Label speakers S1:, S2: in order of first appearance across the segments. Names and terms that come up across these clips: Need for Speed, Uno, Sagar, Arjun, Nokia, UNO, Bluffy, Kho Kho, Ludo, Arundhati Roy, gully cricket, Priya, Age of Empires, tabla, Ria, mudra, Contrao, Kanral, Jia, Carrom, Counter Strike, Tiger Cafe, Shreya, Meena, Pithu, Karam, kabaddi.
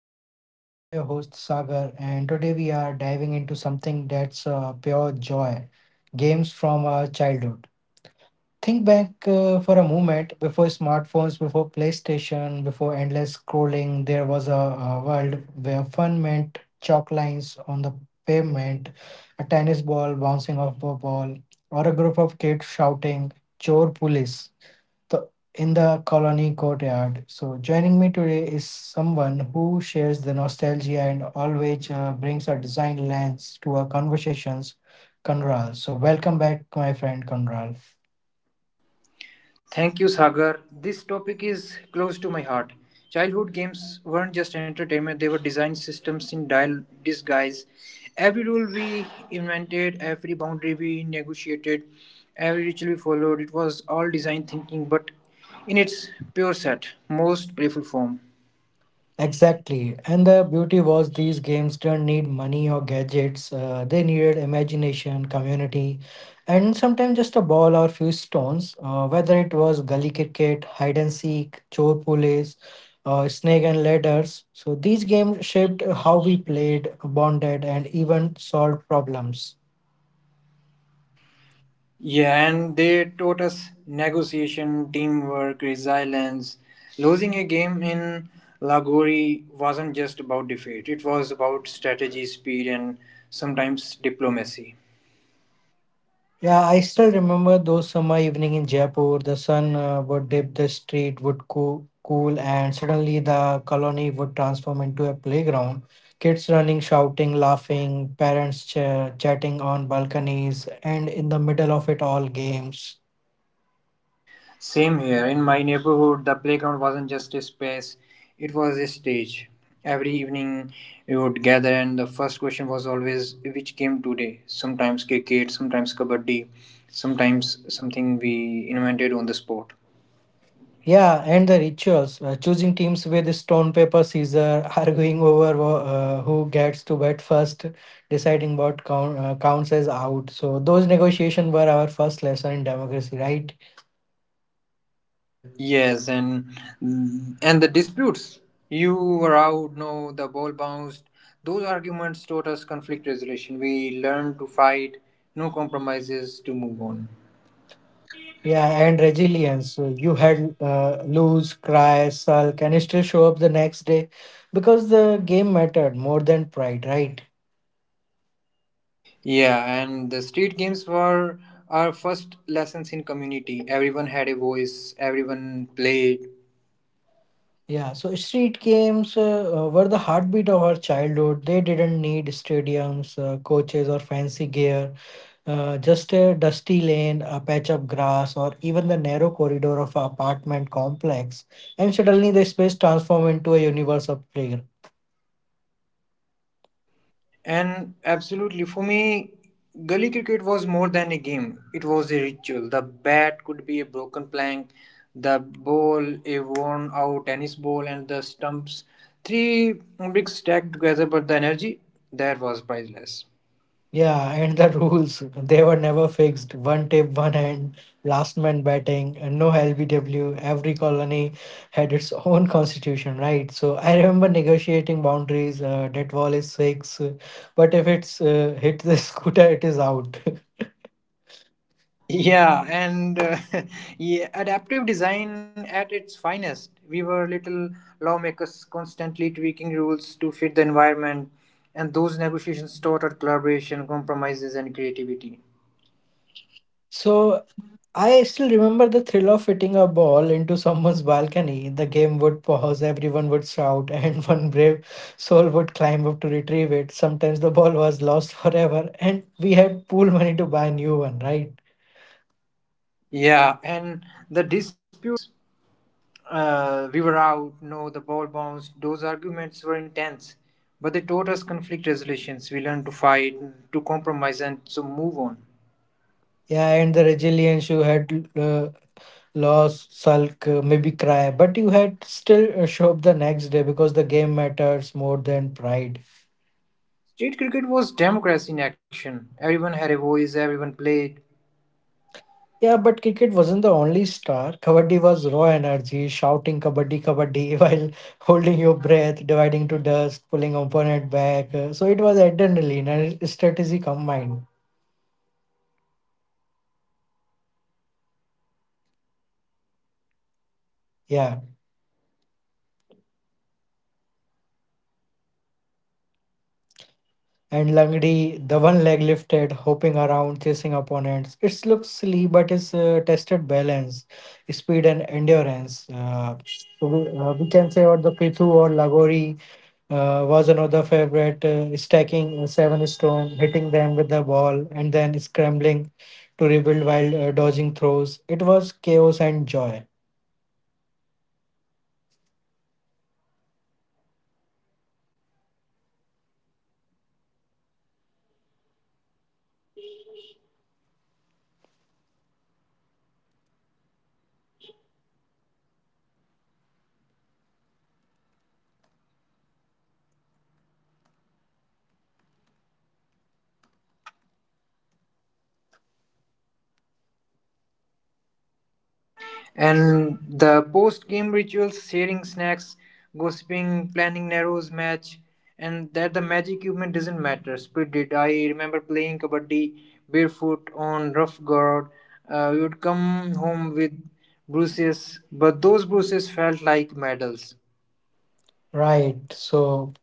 S1: Talk with Viz. I'm your host Sagar, and today we are diving into something that's pure joy games from our childhood. Think back for a moment before smartphones, before PlayStation, before endless scrolling, there was a world where fun meant chalk lines on the pavement, a tennis ball bouncing off a ball, or a group of kids shouting, Chor Police, the, in the colony courtyard. So, joining me today is someone who shares the nostalgia and always brings a design lens to our conversations, Kanral. So, welcome back, my friend Kanral.
S2: Thank you, Sagar. This topic is close to my heart. Childhood games weren't just entertainment, they were design systems in disguise. Every rule we invented, every boundary we negotiated, every ritual we followed, it was all design thinking, but in its pure set, most playful form.
S1: Exactly. And the beauty was these games didn't need money or gadgets. They needed imagination, community, and sometimes just a ball or few stones. Whether it was gully cricket, hide and seek, chor pulleys, snake and ladders. So these games shaped how we played, bonded, and even solved problems.
S2: Yeah, and they taught us negotiation, teamwork, resilience. Losing a game in Lagori wasn't just about defeat, it was about strategy, speed, and sometimes diplomacy.
S1: Yeah, I still remember those summer evening in Jaipur. The sun would dip, the street would cool, and suddenly the colony would transform into a playground. Kids running, shouting, laughing, parents chatting on balconies, and in the middle of it all, games.
S2: Same here. In my neighborhood, the playground wasn't just a space, it was a stage. Every evening we would gather, and the first question was always, which game today? Sometimes cricket, sometimes kabaddi, sometimes something we invented on the spot.
S1: Yeah, and the rituals. Choosing teams with stone, paper, scissors, arguing over who gets to bat first, deciding what counts as out. So those negotiations were our first lesson in democracy, right?
S2: Yeah, yes, and the disputes. You were out, no, the ball bounced. Those arguments taught us conflict resolution. We learned to fight, no compromises to move on.
S1: Yeah, and resilience. So you had lose, cry, sulk, and still show up the next day because the game mattered more than pride, right?
S2: Yeah, and the street games were our first lessons in community. Everyone had a voice, everyone played.
S1: Yeah, so street games were the heartbeat of our childhood. They didn't need stadiums, coaches, or fancy gear. Just a dusty lane, a patch of grass, or even the narrow corridor of an apartment complex, and suddenly the space transformed into a universe of play.
S2: And absolutely, for me, gully cricket was more than a game. It was a ritual. The bat could be a broken plank, the ball a worn out tennis ball, and the stumps three bricks stacked together. But the energy there was priceless.
S1: Yeah, and the rules, they were never fixed. One tip, one hand, last man batting, and no LBW. Every colony had its own constitution, right? So I remember negotiating boundaries. That wall is six, but if it's hit the scooter, it is out.
S2: Yeah, and yeah, adaptive design at its finest. We were little lawmakers constantly tweaking rules to fit the environment, and those negotiations taught us collaboration, compromises, and creativity.
S1: So I still remember the thrill of hitting a ball into someone's balcony. The game would pause, everyone would shout, and one brave soul would climb up to retrieve it. Sometimes the ball was lost forever, and we had pool money to buy a new one, right?
S2: Yeah, and the disputes, we were out, no, the ball bounced, those arguments were intense. But they taught us conflict resolutions. We learned to fight, to compromise, and so move on.
S1: Yeah, and the resilience you had lost, sulk, maybe cry, but you had still show up the next day because the game matters more than pride.
S2: State cricket was democracy in action. Everyone had a voice, everyone played.
S1: Yeah, but cricket wasn't the only star. Kabaddi was raw energy, shouting kabaddi kabaddi while holding your breath, dividing to dust, pulling opponent back. So it was adrenaline and strategy combined. Yeah, and Langdi, the one leg lifted, hopping around, chasing opponents. It looks silly, but it's tested balance, speed, and endurance. So we can say, or the Pithu or Lagori was another favorite, stacking seven stone, hitting them with the ball, and then scrambling to rebuild while dodging throws. It was chaos and joy.
S2: And the post game rituals, sharing snacks, gossiping, planning narrows match, and that the magic equipment doesn't matter. Split it! I remember playing kabaddi barefoot on rough ground. We would come home with bruises, but those bruises felt like medals.
S1: Right. So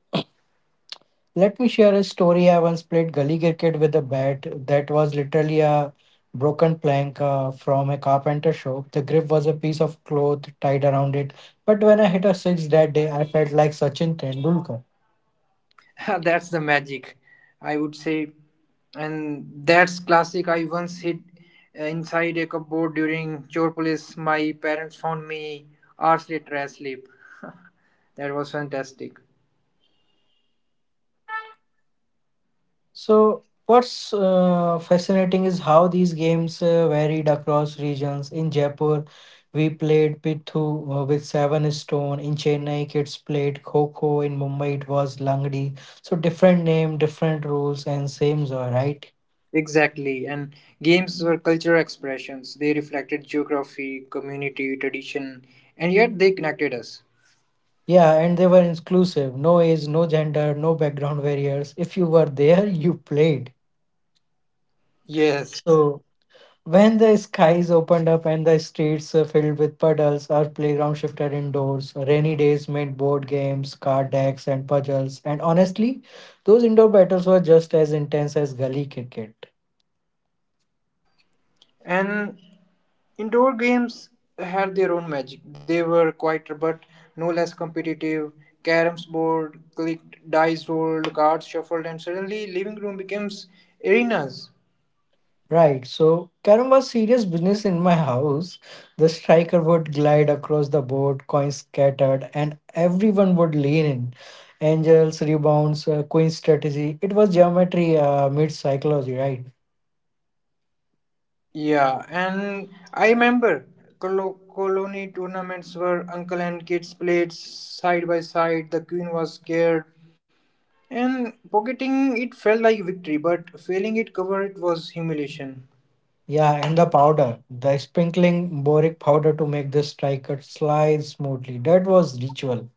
S1: let me share a story. I once played gully cricket with a bat that was literally a broken plank from a carpenter shop. The grip was a piece of cloth tied around it. But when I hit a six that day, I felt like Sachin Tendulkar.
S2: That's the magic, I would say. And that's classic. I once hid inside a cupboard during chore police. My parents found me hours later asleep. That was fantastic.
S1: So, what's fascinating is how these games varied across regions. In Jaipur, we played Pithu with seven stone. In Chennai, kids played Kho Kho. In Mumbai, it was Langdi. So, different name, different rules, and same joy, right?
S2: Exactly. And games were cultural expressions. They reflected geography, community, tradition, and yet they connected us.
S1: Yeah, and they were inclusive. No age, no gender, no background barriers. If you were there, you played.
S2: Yes.
S1: So when the skies opened up and the streets filled with puddles, our playground shifted indoors. Rainy days meant board games, card decks, and puzzles. And honestly, those indoor battles were just as intense as gully cricket.
S2: And indoor games had their own magic. They were quieter but no less competitive. Caroms board clicked, dice rolled, cards shuffled, and suddenly living room becomes arenas.
S1: Right, so Karam was serious business in my house. The striker would glide across the board, coins scattered, and everyone would lean in. Angels, rebounds, queen strategy. It was geometry meets psychology, right?
S2: Yeah, and I remember colony tournaments where uncle and kids played side by side. The queen was scared, and pocketing it felt like victory, but failing it cover it was humiliation.
S1: Yeah, and the powder, the sprinkling boric powder to make the striker slide smoothly. That was ritual.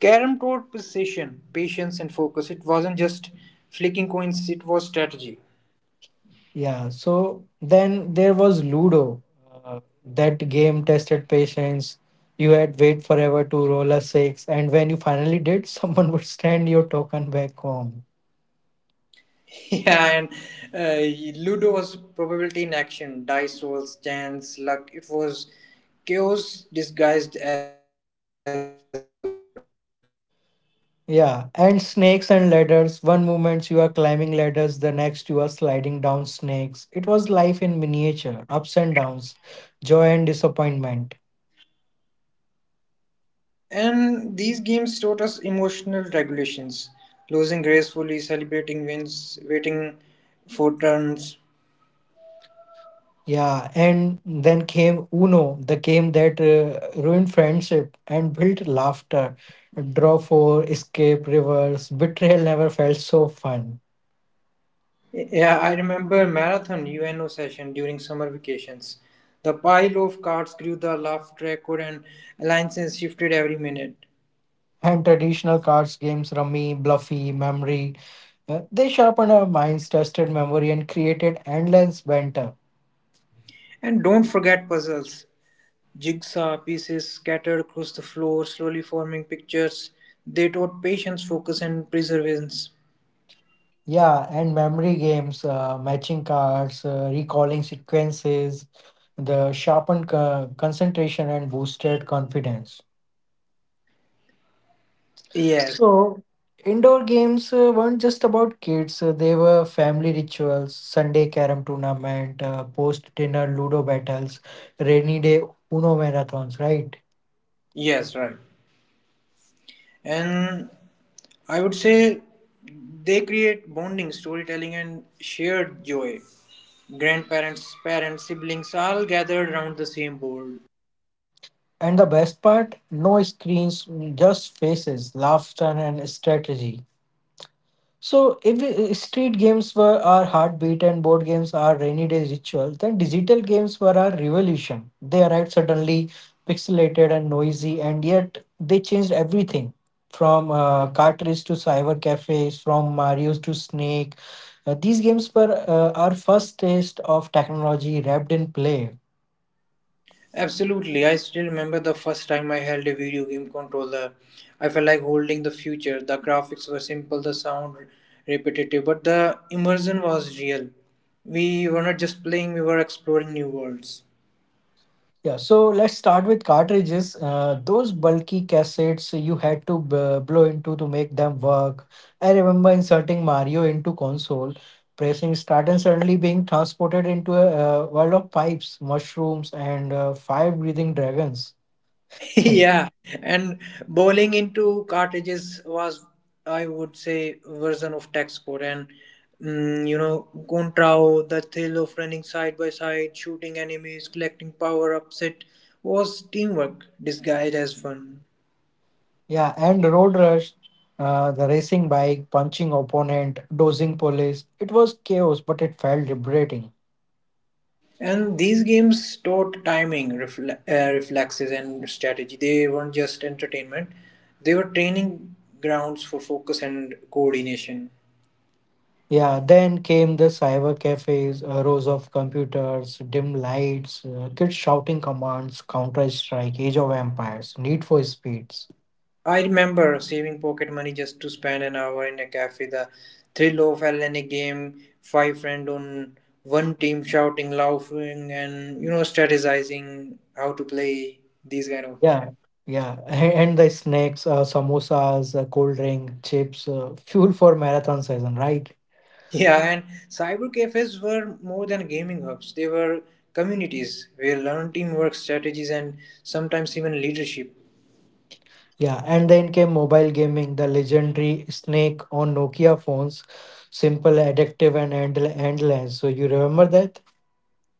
S2: Carrom taught precision, patience, and focus. It wasn't just flicking coins; it was strategy.
S1: Yeah, so then there was Ludo. Uh, that game tested patience. You had wait forever to roll a six, and when you finally did, someone would stand your token back home.
S2: Yeah, and Ludo was probability in action, dice rolls, chance, luck. It was chaos disguised as order.
S1: Yeah, and snakes and ladders. One moment you are climbing ladders, the next you are sliding down snakes. It was life in miniature, ups and downs, joy and disappointment.
S2: And these games taught us emotional regulations: losing gracefully, celebrating wins, waiting for turns.
S1: Yeah, and then came Uno, the game that ruined friendship and built laughter. Draw four, escape, reverse, betrayal never felt so fun.
S2: Yeah, I remember marathon UNO session during summer vacations. The pile of cards grew, the laugh record and alliances shifted every minute.
S1: And traditional cards games, Rummy, Bluffy, Memory, they sharpened our minds, tested memory, and created endless banter.
S2: And don't forget puzzles. Jigsaw pieces scattered across the floor, slowly forming pictures. They taught patience, focus, and perseverance.
S1: Yeah, and memory games, matching cards, recalling sequences, the sharpened concentration and boosted confidence.
S2: Yes,
S1: So, indoor games weren't just about kids, they were family rituals, Sunday carom tournament, post dinner ludo battles, rainy day Uno marathons, right?
S2: yes, right. And I would say they create bonding, storytelling, and shared joy. Grandparents, parents, siblings all gathered around the same board.
S1: And the best part no screens, just faces, laughter, and strategy. So, if street games were our heartbeat and board games are rainy day ritual, then digital games were our revolution. They arrived suddenly, pixelated and noisy, and yet they changed everything from cartridge to cyber cafes, from Mario's to Snake. These games were our first taste of technology wrapped in play.
S2: Absolutely, I still remember the first time I held a video game controller. I felt like holding the future. The graphics were simple, the sound repetitive, but the immersion was real. We were not just playing, we were exploring new worlds.
S1: Yeah, so let's start with cartridges. Those bulky cassettes you had to blow into to make them work. I remember inserting Mario into console, pressing start, and suddenly being transported into a world of pipes, mushrooms, and fire-breathing dragons.
S2: Yeah, and bowling into cartridges was, I would say, version of tech sport. And mm, you know, Contrao, the thrill of running side by side, shooting enemies, collecting power ups, it was teamwork disguised as fun.
S1: Yeah, and Road Rush, the racing bike, punching opponent, dozing police. It was chaos, but it felt liberating.
S2: And these games taught timing, reflexes, and strategy. They weren't just entertainment; they were training grounds for focus and coordination.
S1: Yeah, then came the cyber cafes, rows of computers, dim lights, kids shouting commands, Counter Strike, Age of Empires, Need for Speeds.
S2: I remember saving pocket money just to spend an hour in a cafe. The thrill of LNA game, five friends on one team shouting, laughing, and you know, strategizing how to play these kind of.
S1: Yeah, yeah, and the snacks, samosas, cold drink, chips, fuel for marathon season, right?
S2: Yeah, and cyber cafes were more than gaming hubs. They were communities where learned teamwork strategies and sometimes even leadership.
S1: Yeah, and then came mobile gaming, the legendary Snake on Nokia phones, simple, addictive, and endless. So you remember that?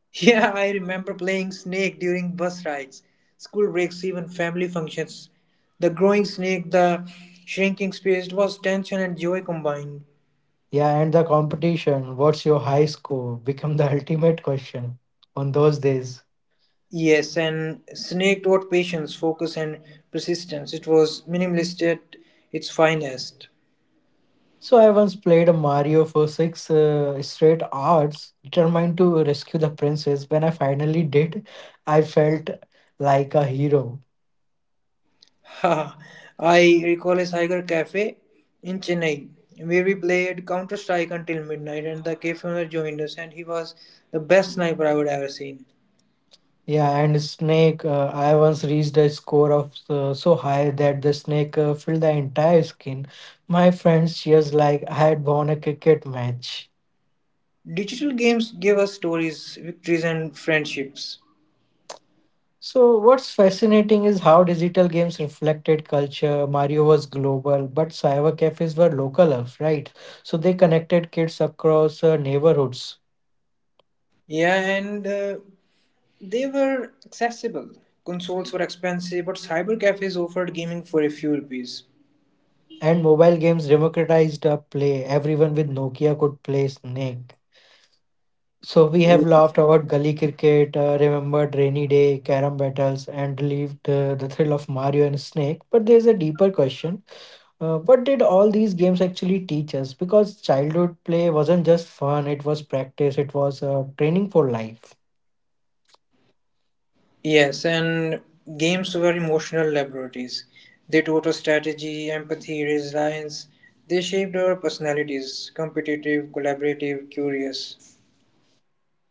S2: Yeah, I remember playing snake during bus rides, school breaks, even family functions. The growing snake, the shrinking space, it was tension and joy combined.
S1: Yeah, and the competition, what's your high score, become the ultimate question on those days.
S2: Yes, and snake taught patience, focus, and persistence. It was minimalist at its finest.
S1: So I once played a Mario for six straight hours, determined to rescue the princess. When I finally did, I felt like a hero.
S2: Ha! I recall a Tiger Cafe in Chennai where we played Counter Strike until midnight, and the cafe owner joined us, and he was the best sniper I would ever seen.
S1: Yeah, and Snake, I once reached a score of so high that the snake filled the entire skin. My friends cheers like I had won a cricket match.
S2: Digital games give us stories, victories, and friendships.
S1: So, what's fascinating is how digital games reflected culture. Mario was global, but cyber cafes were local, right? So, they connected kids across neighborhoods.
S2: Yeah, and they were accessible. Consoles were expensive, but cyber cafes offered gaming for a few rupees.
S1: And mobile games democratized play. Everyone with Nokia could play Snake. So, we have laughed about gully cricket, remembered rainy day, carom battles, and lived the thrill of Mario and Snake. But there's a deeper question. What did all these games actually teach us? Because childhood play wasn't just fun, it was practice, it was training for life.
S2: Yes, and games were emotional laboratories. They taught us strategy, empathy, resilience. They shaped our personalities competitive, collaborative, curious.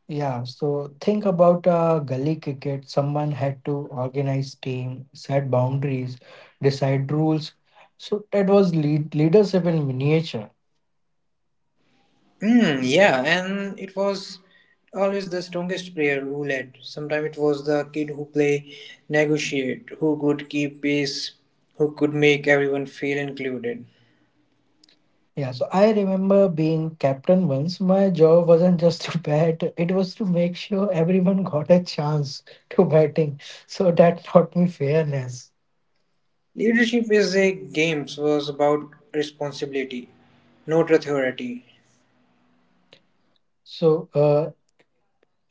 S1: Yeah, so think about gully cricket. Someone had to organize team, set boundaries, decide rules. So that was leadership in miniature.
S2: Mm, yeah, and it was always the strongest player who led. Sometimes it was the kid who play, negotiate, who could keep pace, who could make everyone feel included.
S1: Yeah, so I remember being captain once. My job wasn't just to bat, it was to make sure everyone got a chance to batting. So that taught me fairness.
S2: Leadership is a games was about responsibility, not authority.
S1: So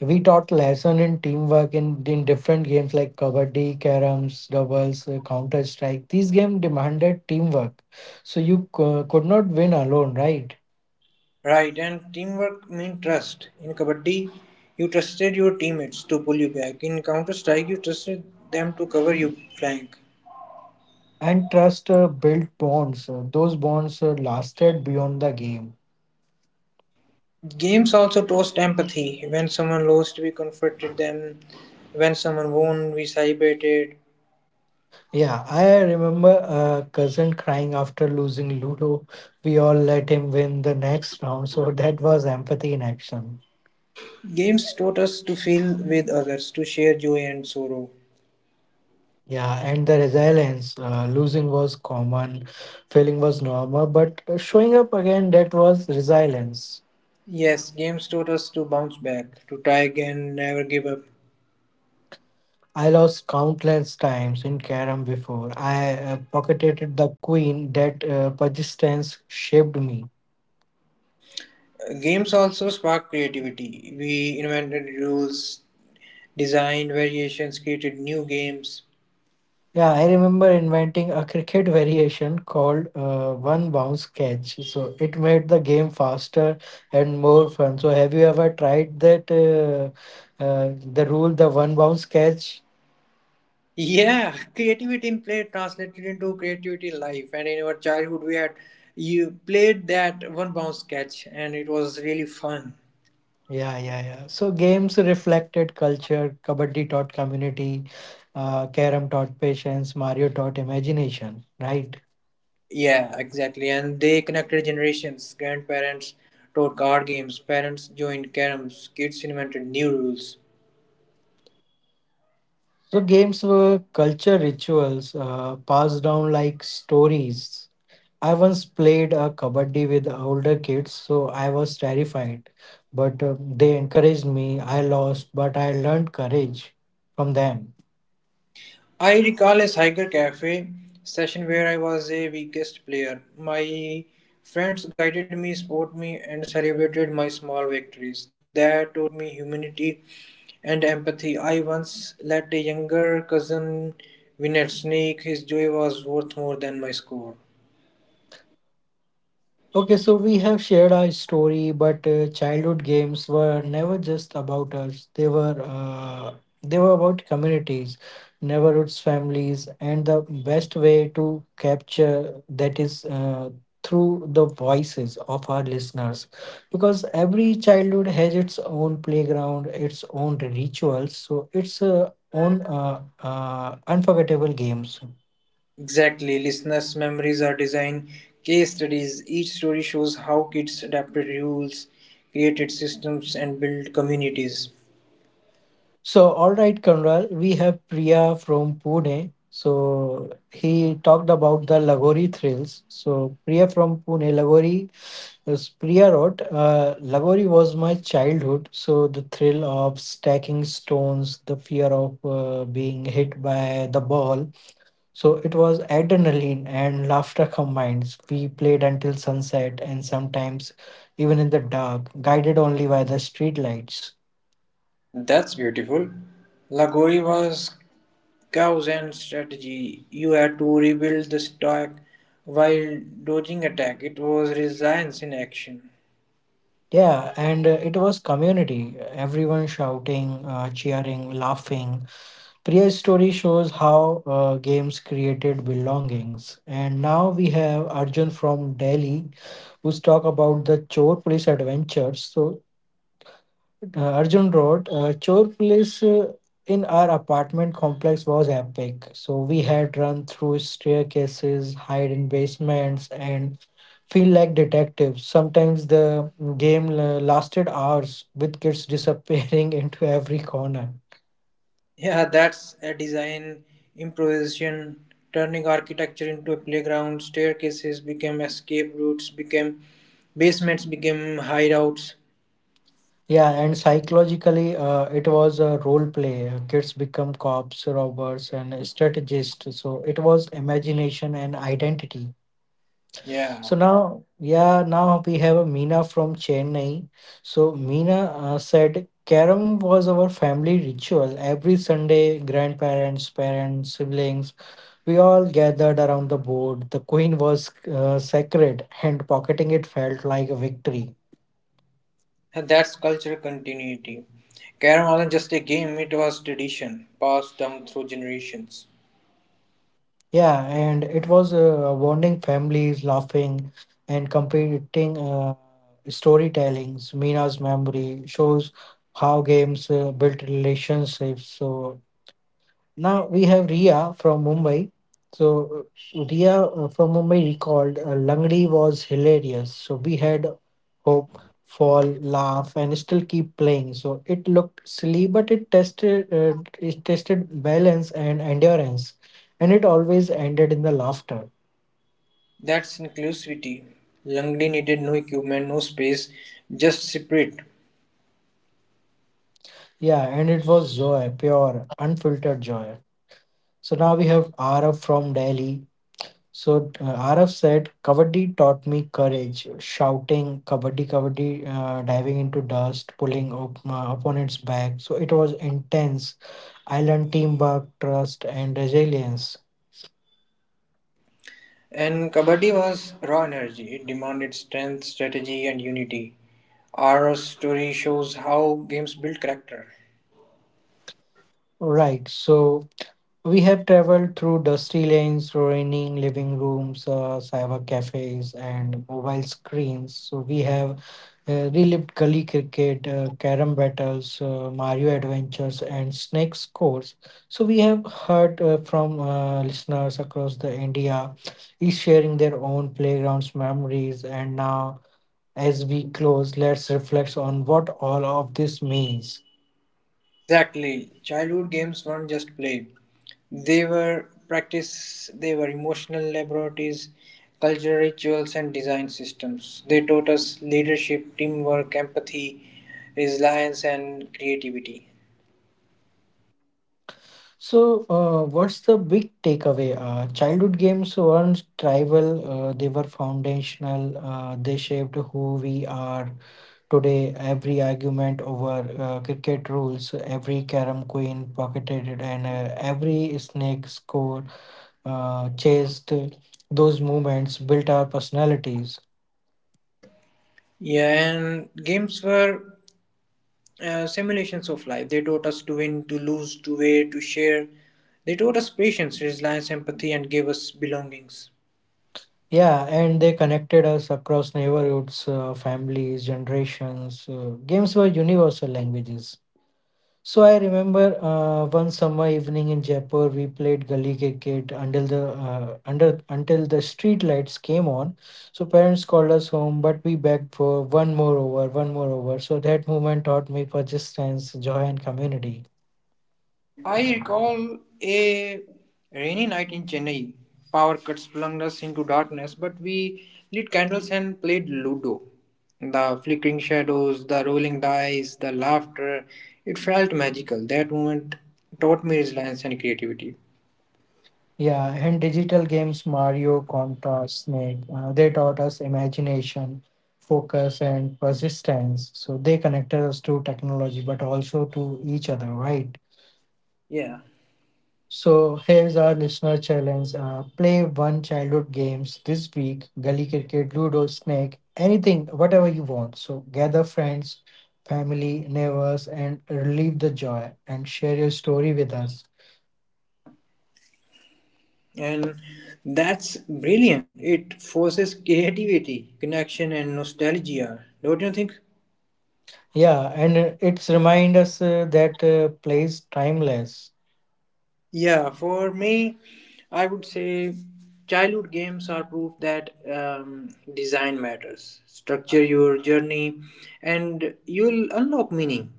S1: we taught lesson in teamwork in different games like kabaddi, caroms, doubles, counter strike. These games demanded teamwork, so you could not win alone, right?
S2: Right, and teamwork mean trust. In Kabaddi, you trusted your teammates to pull you back. In Counter Strike, you trusted them to cover you flank.
S1: And trust built bonds. Those bonds lasted beyond the game.
S2: Games also toast empathy. When someone lost, we comforted them. When someone won, we celebrated.
S1: Yeah, I remember a cousin crying after losing Ludo. We all let him win the next round, so that was empathy in action.
S2: Games taught us to feel with others, to share joy and sorrow.
S1: Yeah, and the resilience. Losing was common, failing was normal, but showing up again, that was resilience.
S2: Yes, games taught us to bounce back, to try again, never give up.
S1: I lost countless times in carom before. I pocketed the queen. That persistence shaped me.
S2: Games also spark creativity. We invented rules, designed variations, created new games.
S1: Yeah, I remember inventing a cricket variation called one bounce catch. So it made the game faster and more fun. So have you ever tried that? The rule, the one bounce catch.
S2: Yeah, creativity in play translated into creativity in life. And in our childhood, we had you played that one bounce catch, and it was really fun.
S1: Yeah, yeah, yeah. So games reflected culture, kabaddi taught community, carom taught patience, Mario taught imagination, right?
S2: Yeah, exactly. And they connected generations. Grandparents taught card games, parents joined caroms, kids invented new rules.
S1: So games were culture rituals passed down like stories. I once played a kabaddi with older kids, so I was terrified, but they encouraged me. I lost, but I learned courage from them.
S2: I recall a Cyger Cafe session where I was a weakest player. My friends guided me, supported me, and celebrated my small victories. That taught me humanity and empathy. I once let a younger cousin win at Snake. His joy was worth more than my score.
S1: Okay, so we have shared our story, but childhood games were never just about us. They were about communities, neighborhoods, families, and the best way to capture that is through the voices of our listeners, because every childhood has its own playground, its own rituals, so its own unforgettable games.
S2: Exactly. Listeners' memories are design case studies. Each story shows how kids adapted rules, created systems, and built communities.
S1: So, all right, Conrad, we have Priya from Pune. So, he talked about the Lagori thrills. So, Priya from Pune, Lagori, as Priya wrote, Lagori was my childhood. So, the thrill of stacking stones, the fear of being hit by the ball. So, it was adrenaline and laughter combined. We played until sunset and sometimes even in the dark, guided only by the street lights.
S2: That's beautiful. Lagori was cows and strategy. You had to rebuild the stock while dodging attack. It was resilience in action.
S1: Yeah, and it was community. Everyone shouting, cheering, laughing. Priya's story shows how games created belongings. And now we have Arjun from Delhi, who's talk about the Chor Police adventures. So Arjun wrote, Chore Police in our apartment complex was epic. So we had run through staircases, hide in basements, and feel like detectives. Sometimes the lasted hours with kids disappearing into every corner.
S2: Yeah, that's a design improvisation. Turning architecture into a playground, staircases became escape routes, became basements, became hideouts.
S1: Yeah, and psychologically, it was a role play. Kids become cops, robbers, and strategists. So it was imagination and identity.
S2: Yeah,
S1: So now, yeah, now we have a Meena from Chennai. So Meena said, Karam was our family ritual. Every Sunday, grandparents, parents, siblings, we all gathered around the board. The queen was sacred, and pocketing it felt like a victory.
S2: and that's cultural continuity. Carrom wasn't just a game, it was tradition, passed down through generations.
S1: Yeah, and it was bonding families, laughing, and competing storytellings. Meena's memory shows how games built relationships. So now we have Ria from Mumbai. So Ria from Mumbai recalled Langdi was hilarious. So we had hope, fall, laugh, and still keep playing. So it looked silly, but it tested balance and endurance, and it always ended in the laughter.
S2: That's inclusivity. Langley needed no equipment, no space, just spirit.
S1: Yeah, and it was joy, pure, unfiltered joy. So now we have Araf from Delhi. So Araf said, Kabaddi taught me courage, shouting, Kabaddi, Kabaddi, diving into dust, pulling opponents back. So it was intense. I learned teamwork, trust, and resilience.
S2: And Kabaddi was raw energy. It demanded strength, strategy, and unity. Our story shows how games build character.
S1: Right. So we have traveled through dusty lanes, ruining living rooms, cyber cafes, and mobile screens. So we have relived gully cricket, carom battles, Mario adventures, and snake scores. So we have heard from listeners across the India, is sharing their own playgrounds memories. And now, as we close, let's reflect on what all of this means.
S2: Exactly. Childhood games weren't just play, they were practice, they were emotional laboratories, cultural rituals, and design systems. They taught us leadership, teamwork, empathy, resilience, and creativity.
S1: So, what's the big takeaway? Childhood games weren't tribal, they were foundational, they shaped who we are today, every argument over cricket rules, every carom queen pocketed, and every snake score chased, those moments built our personalities.
S2: Yeah, and games were simulations of life. They taught us to win, to lose, to wait, to share. They taught us patience, resilience, empathy, and gave us belongings.
S1: Yeah, and they connected us across neighborhoods, families, generations. Games were universal languages. So I remember one summer evening in Jaipur, we played gully cricket until the under until the street lights came on. So parents called us home, but we begged for one more over, one more over. So that moment taught me persistence, joy, and community.
S2: I recall a rainy night in Chennai. Power cuts plunged us into darkness, but we lit candles and played Ludo. The flickering shadows, the rolling dice, the laughter, it felt magical. That moment taught me resilience and creativity.
S1: Yeah, and digital games Mario, Contra, Snake, they taught us imagination, focus, and persistence. So they connected us to technology, but also to each other, right?
S2: Yeah.
S1: So here's our listener challenge. Play one childhood games this week, gully cricket, ludo, snake, anything, whatever you want. So gather friends, family, neighbors, and relive the joy and share your story with us.
S2: And that's brilliant. It forces creativity, connection and nostalgia, don't you think?
S1: Yeah, and it's remind us that play is timeless.
S2: Yeah, for me, I would say childhood games are proof that design matters. Structure your journey and you'll unlock meaning.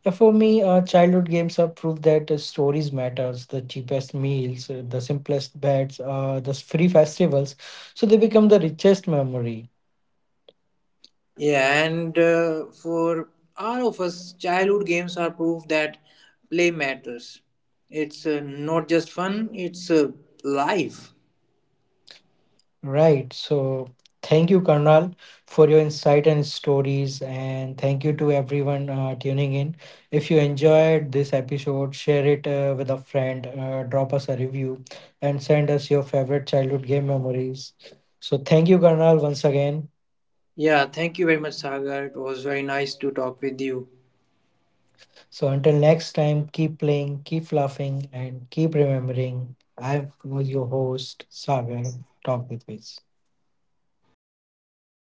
S1: Yeah, for me, childhood games are proof that stories matters. The cheapest meals, the simplest beds, the free festivals, so they become the richest memory.
S2: Yeah, and for all of us childhood games are proof that play matters. It's not just fun, it's life.
S1: Right. So thank you, Karnal, for your insight and stories. And thank you to everyone tuning in. If you enjoyed this episode, share it with a friend, drop us a review, and send us your favorite childhood game memories. So thank you, Karnal, once again.
S2: Yeah, thank you very much, Sagar. It was very nice to talk with you.
S1: So until next time, keep playing, keep laughing, and keep remembering. I was your host, Sagar. Talk with peace.